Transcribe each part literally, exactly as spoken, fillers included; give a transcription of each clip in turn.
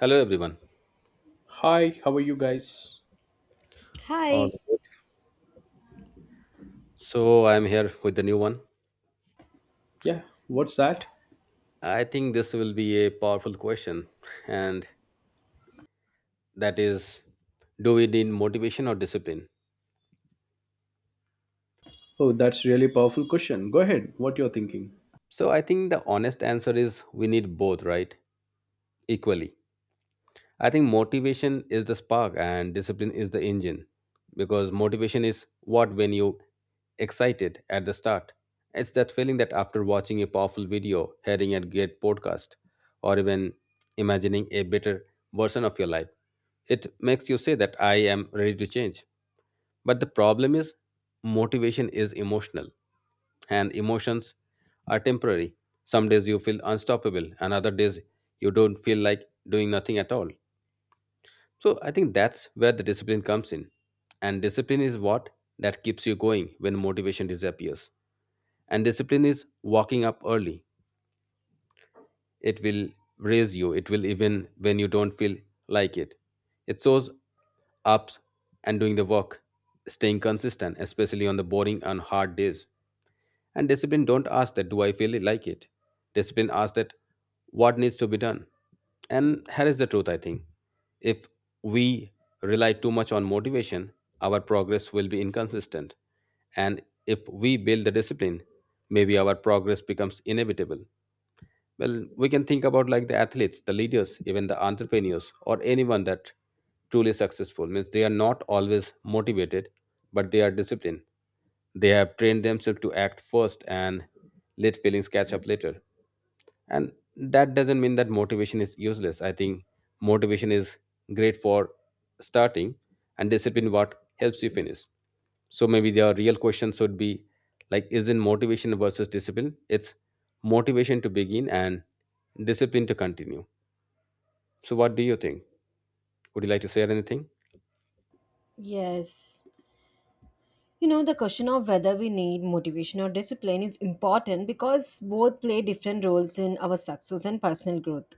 Hello, everyone. Hi, how are you guys? All Hi. good. So, I'm here with the new one. Yeah, what's that? I think this will be a powerful question, and that is, do we need motivation or discipline? Oh, that's really powerful question. Go ahead, what you're thinking. So, I think the honest answer is we need both, right? Equally. I think motivation is the spark and discipline is the engine, because motivation is what when you excited at the start. It's that feeling that after watching a powerful video, hearing a great podcast, or even imagining a better version of your life, it makes you say that I am ready to change. But the problem is, motivation is emotional and emotions are temporary. Some days you feel unstoppable and other days you don't feel like doing nothing at all. So I think that's where the discipline comes in, and discipline is what that keeps you going when motivation disappears. And discipline is walking up early, it will raise you, it will, even when you don't feel like it. It shows ups and doing the work, staying consistent, especially on the boring and hard days. And discipline don't ask that, do I feel like it. Discipline asks that, what needs to be done. And here is the truth, I think, if we rely too much on motivation, our progress will be inconsistent, and if we build the discipline, maybe our progress becomes inevitable. Well, we can think about like the athletes, the leaders, even the entrepreneurs, or anyone that truly successful means they are not always motivated, but they are disciplined. They have trained themselves to act first and let feelings catch up later. And that doesn't mean that motivation is useless. I think motivation is great for starting, and discipline what helps you finish. So maybe the real question should be, like, isn't motivation versus discipline, it's motivation to begin, and discipline to continue. So what do you think? Would you like to say anything? Yes. You know, the question of whether we need motivation or discipline is important because both play different roles in our success and personal growth.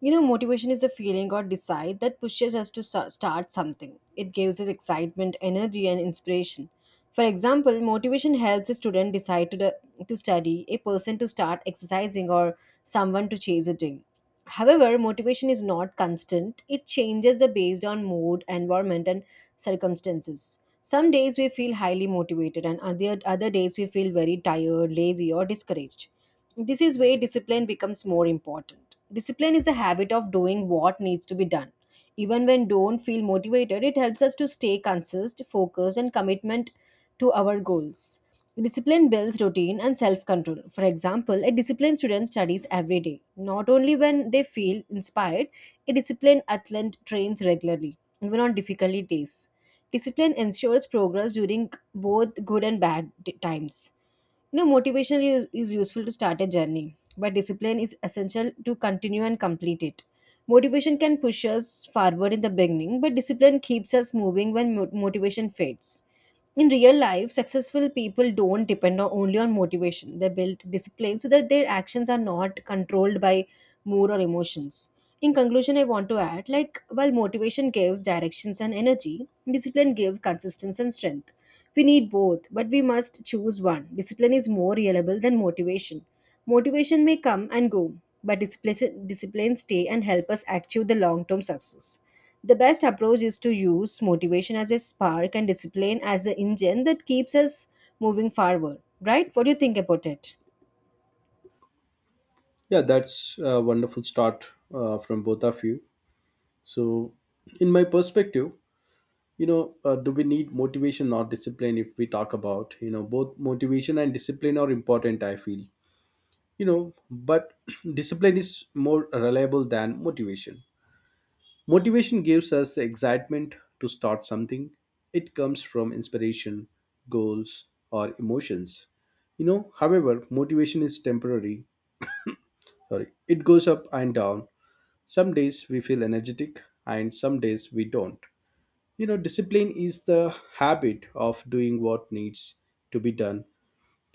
You know, motivation is a feeling or desire that pushes us to sa- start something. It gives us excitement, energy, and inspiration. For example, motivation helps a student decide to, the, to study, a person to start exercising, or someone to chase a dream. However, motivation is not constant. It changes the based on mood, environment, and circumstances. Some days we feel highly motivated, and other, other days we feel very tired, lazy, or discouraged. This is where discipline becomes more important. Discipline is a habit of doing what needs to be done. Even when don't feel motivated, it helps us to stay consistent, focused, and commitment to our goals. Discipline builds routine and self control. For example, a disciplined student studies every day, not only when they feel inspired, a disciplined athlete trains regularly, even on difficult days. Discipline ensures progress during both good and bad d- times. You know, motivation is, is useful to start a journey, but discipline is essential to continue and complete it. Motivation can push us forward in the beginning, but discipline keeps us moving when mo- motivation fades. In real life, successful people don't depend on, only on motivation. They build discipline so that their actions are not controlled by mood or emotions. In conclusion, I want to add like, while motivation gives directions and energy, discipline gives consistency and strength. We need both, but we must choose one. Discipline is more reliable than motivation. Motivation may come and go, but discipline, discipline stay and help us achieve the long-term success. The best approach is to use motivation as a spark and discipline as the engine that keeps us moving forward. Right? What do you think about it? Yeah, that's a wonderful start uh, from both of you. So, in my perspective, you know, uh, do we need motivation or discipline? If we talk about, you know, both motivation and discipline are important, I feel. You know, but discipline is more reliable than motivation. Motivation gives us the excitement to start something. It comes from inspiration, goals, or emotions. You know, however, motivation is temporary. Sorry, it goes up and down. Some days we feel energetic and some days we don't. You know, discipline is the habit of doing what needs to be done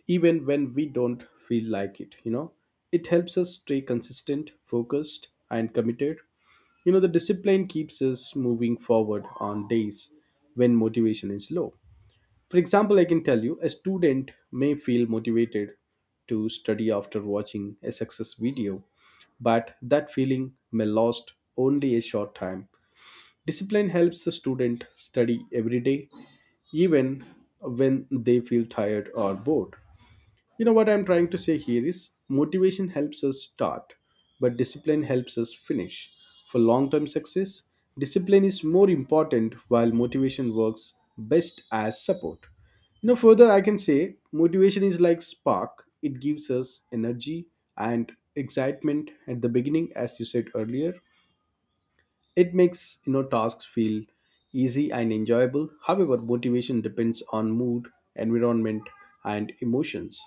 even when we don't feel like it you know It helps us stay consistent, focused, and committed. You know the discipline keeps us moving forward on days when motivation is low. For example, I can tell you a student may feel motivated to study after watching a success video, but that feeling may last only a short time. Discipline helps the student study every day, even when they feel tired or bored. You know what I'm trying to say here is motivation helps us start, but discipline helps us finish. For long term success, discipline is more important while motivation works best as support. You know, further, I can say motivation is like spark, it gives us energy and excitement at the beginning. As you said earlier, it makes you know tasks feel easy and enjoyable. However, motivation depends on mood, environment, and emotions.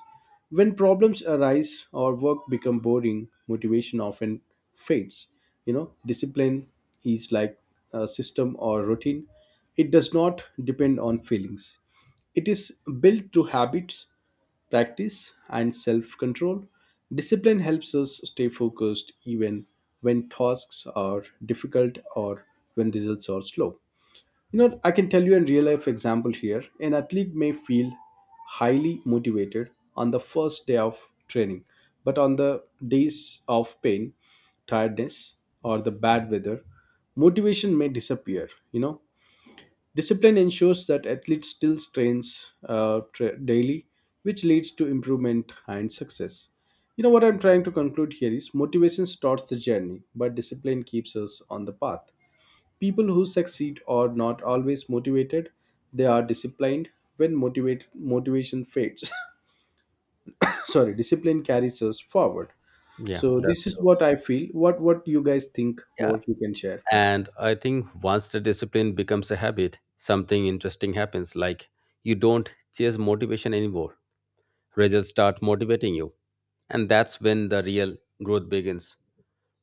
When problems arise or work become boring, motivation often fades. You know, discipline is like a system or routine. It does not depend on feelings. It is built through habits, practice, and self control. Discipline helps us stay focused even when tasks are difficult or when results are slow. You know, I can tell you a real life example here. An athlete may feel highly motivated on the first day of training, but on the days of pain, tiredness, or the bad weather, motivation may disappear. You know, discipline ensures that athletes still trains uh, tra- daily, which leads to improvement and success. You know what I'm trying to conclude here is motivation starts the journey, but discipline keeps us on the path. People who succeed are not always motivated; they are disciplined. When motivate motivation fades, sorry, discipline carries us forward. Yeah, So this that's is true. what I feel. What what you guys think Yeah, more? You can share. and I think once the discipline becomes a habit, something interesting happens, like you don't chase motivation anymore, results start motivating you, and that's when the real growth begins.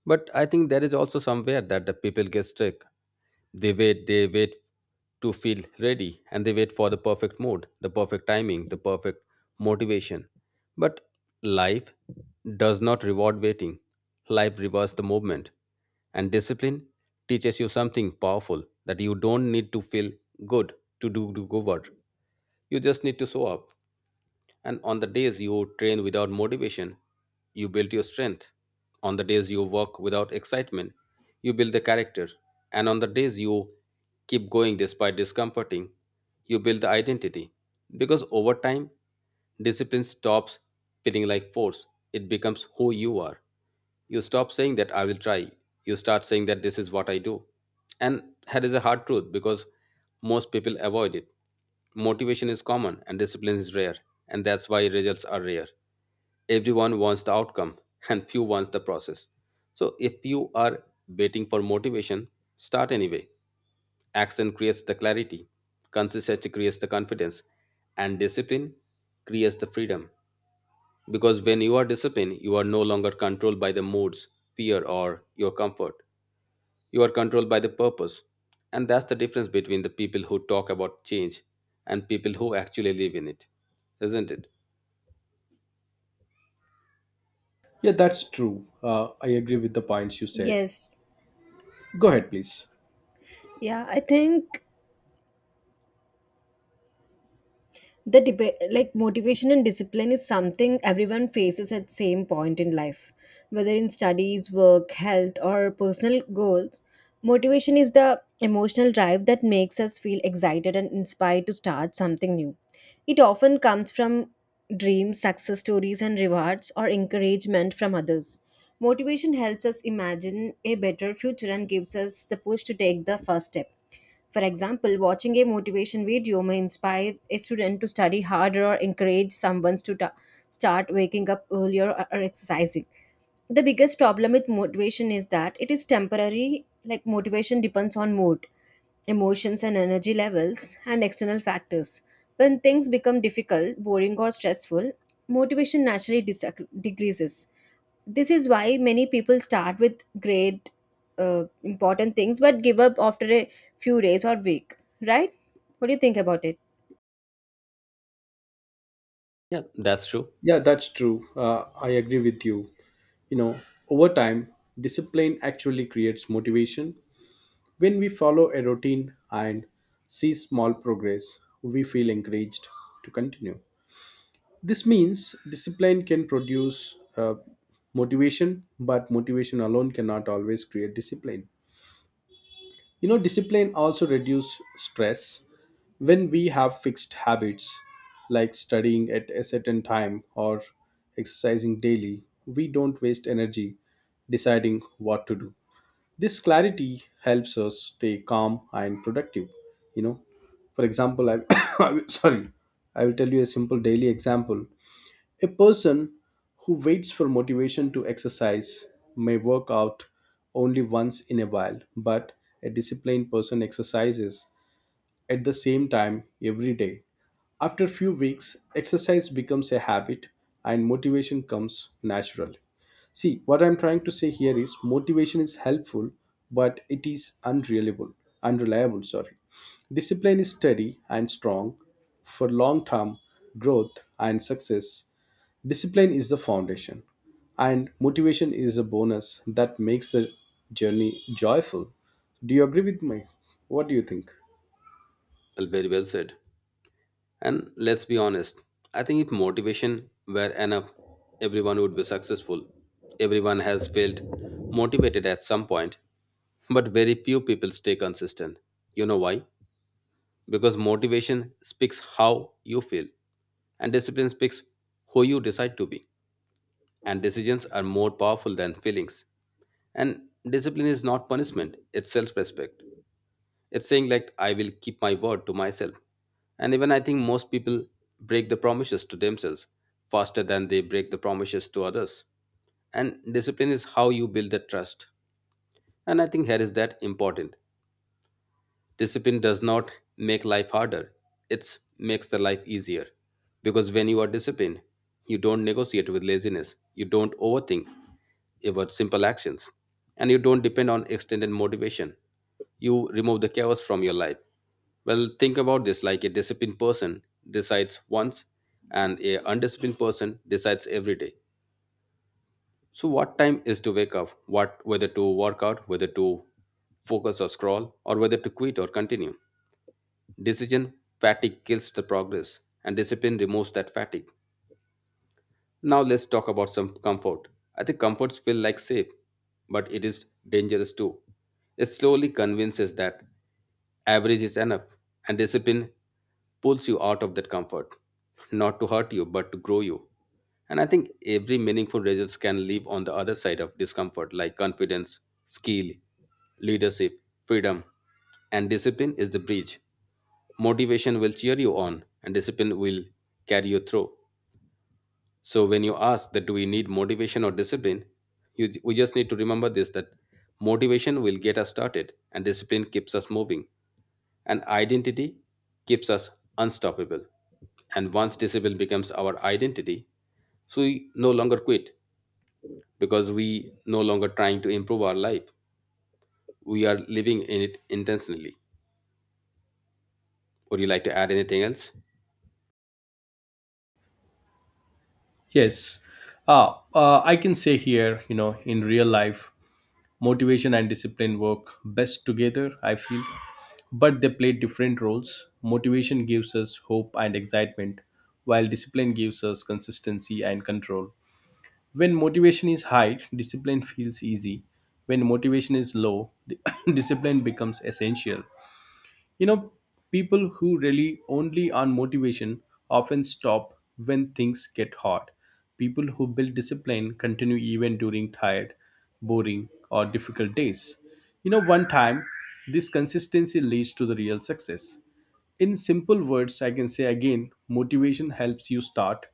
But I think there is also somewhere that the people get stuck. They wait they wait to feel ready, and they wait for the perfect mood, the perfect timing, the perfect motivation. But life does not reward waiting, life rewards the movement. And discipline teaches you something powerful, that you don't need to feel good to do, do good work, you just need to show up. And on the days you train without motivation, you build your strength. On the days you work without excitement, you build the character. And on the days you keep going despite discomforting, you build the identity. Because over time, discipline stops feeling like force, it becomes who you are. You stop saying that I will try. You start saying that this is what I do. And that is a hard truth, because most people avoid it. Motivation is common and discipline is rare, and that's why results are rare. Everyone wants the outcome and few wants the process. So if you are waiting for motivation, start anyway. Action creates the clarity, consistency creates the confidence, and discipline creates the freedom. Because when you are disciplined, you are no longer controlled by the moods, fear, or your comfort. You are controlled by the purpose. And that's the difference between the people who talk about change and people who actually live in it, isn't it? Yeah, that's true. Uh, I agree with the points you said. Yes. Go ahead, please. Yeah, I think the debate like motivation and discipline is something everyone faces at same point in life, whether in studies, work, health, or personal goals. Motivation is the emotional drive that makes us feel excited and inspired to start something new. It often comes from dreams, success stories, and rewards, or encouragement from others. Motivation helps us imagine a better future and gives us the push to take the first step. For example, watching a motivation video may inspire a student to study harder, or encourage someone to ta- start waking up earlier, or or exercising. The biggest problem with motivation is that it is temporary. Like, motivation depends on mood, emotions, and energy levels, and external factors. When things become difficult, boring, or stressful, motivation naturally disac- decreases. This is why many people start with great uh, important things, but give up after a few days or week. Right? What do you think about it? Yeah, that's true. Yeah, that's true. Uh, I agree with you. You know, over time, discipline actually creates motivation. When we follow a routine and see small progress, we feel encouraged to continue. This means discipline can produce uh, motivation, but motivation alone cannot always create discipline. You know, discipline also reduces stress when we have fixed habits like studying at a certain time or exercising daily. We don't waste energy deciding what to do. This clarity helps us stay calm and productive. You know, for example, I, I will- sorry, I will tell you a simple daily example. A person who waits for motivation to exercise may work out only once in a while, but a disciplined person exercises at the same time every day. After a few weeks, exercise becomes a habit and motivation comes naturally. See, what I'm trying to say here is motivation is helpful, but it is unreliable, unreliable, sorry. Discipline is steady and strong for long term growth and success. Discipline is the foundation, and motivation is a bonus that makes the journey joyful. Do you agree with me? What do you think? Well, very well said. And let's be honest, I think if motivation were enough, everyone would be successful. Everyone has felt motivated at some point, but very few people stay consistent. You know why? Because motivation speaks how you feel, and discipline speaks who you decide to be. And decisions are more powerful than feelings. And discipline is not punishment, it's self-respect. It's saying like, I will keep my word to myself. And even I think most people break the promises to themselves faster than they break the promises to others, and discipline is how you build that trust. And I think here is that important, discipline does not make life harder, it makes the life easier. Because when you are disciplined, you don't negotiate with laziness, you don't overthink about simple actions, and you don't depend on extended motivation. You remove the chaos from your life. Well, think about this, like a disciplined person decides once, and a undisciplined person decides every day. So what time is to wake up, what, whether to work out, whether to focus or scroll, or whether to quit or continue. Decision fatigue kills the progress, and discipline removes that fatigue. Now let's talk about some comfort. I think comforts feel like safe, but it is dangerous too. It slowly convinces that average is enough, and discipline pulls you out of that comfort, not to hurt you, but to grow you. And I think every meaningful results can live on the other side of discomfort, like confidence, skill, leadership, freedom, and discipline is the bridge. Motivation will cheer you on, and discipline will carry you through. So when you ask that, do we need motivation or discipline, you, we just need to remember this, that motivation will get us started, and discipline keeps us moving, and identity keeps us unstoppable. And once discipline becomes our identity, so we no longer quit, because we no longer trying to improve our life. We are living in it intentionally. Would you like to add anything else? Yes. Uh, uh, I can say here, you know, in real life, motivation and discipline work best together, I feel, but they play different roles. Motivation gives us hope and excitement, while discipline gives us consistency and control. When motivation is high, discipline feels easy. When motivation is low, discipline becomes essential. You know, people who rely only on motivation often stop when things get hard. People who build discipline continue even during tired, boring, or difficult days. You know, one time, this consistency leads to the real success. In simple words, I can say again motivation helps you start,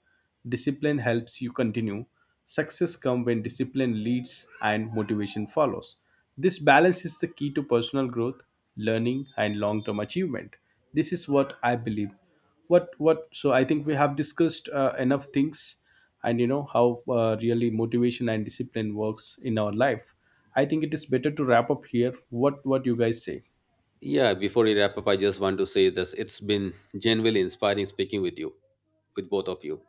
discipline helps you continue. Success comes when discipline leads and motivation follows. This balance is the key to personal growth, learning, and long term achievement. This is what I believe. What, what, so I think we have discussed uh, enough things and you know how uh, really motivation and discipline works in our life. I think it is better to wrap up here. What, what you guys say? Yeah, before we wrap up, I just want to say this. It's been genuinely inspiring speaking with you, with both of you.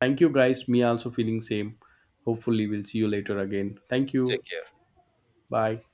Thank you guys. Me also feeling same. Hopefully we'll see you later again. Thank you. Take care. Bye.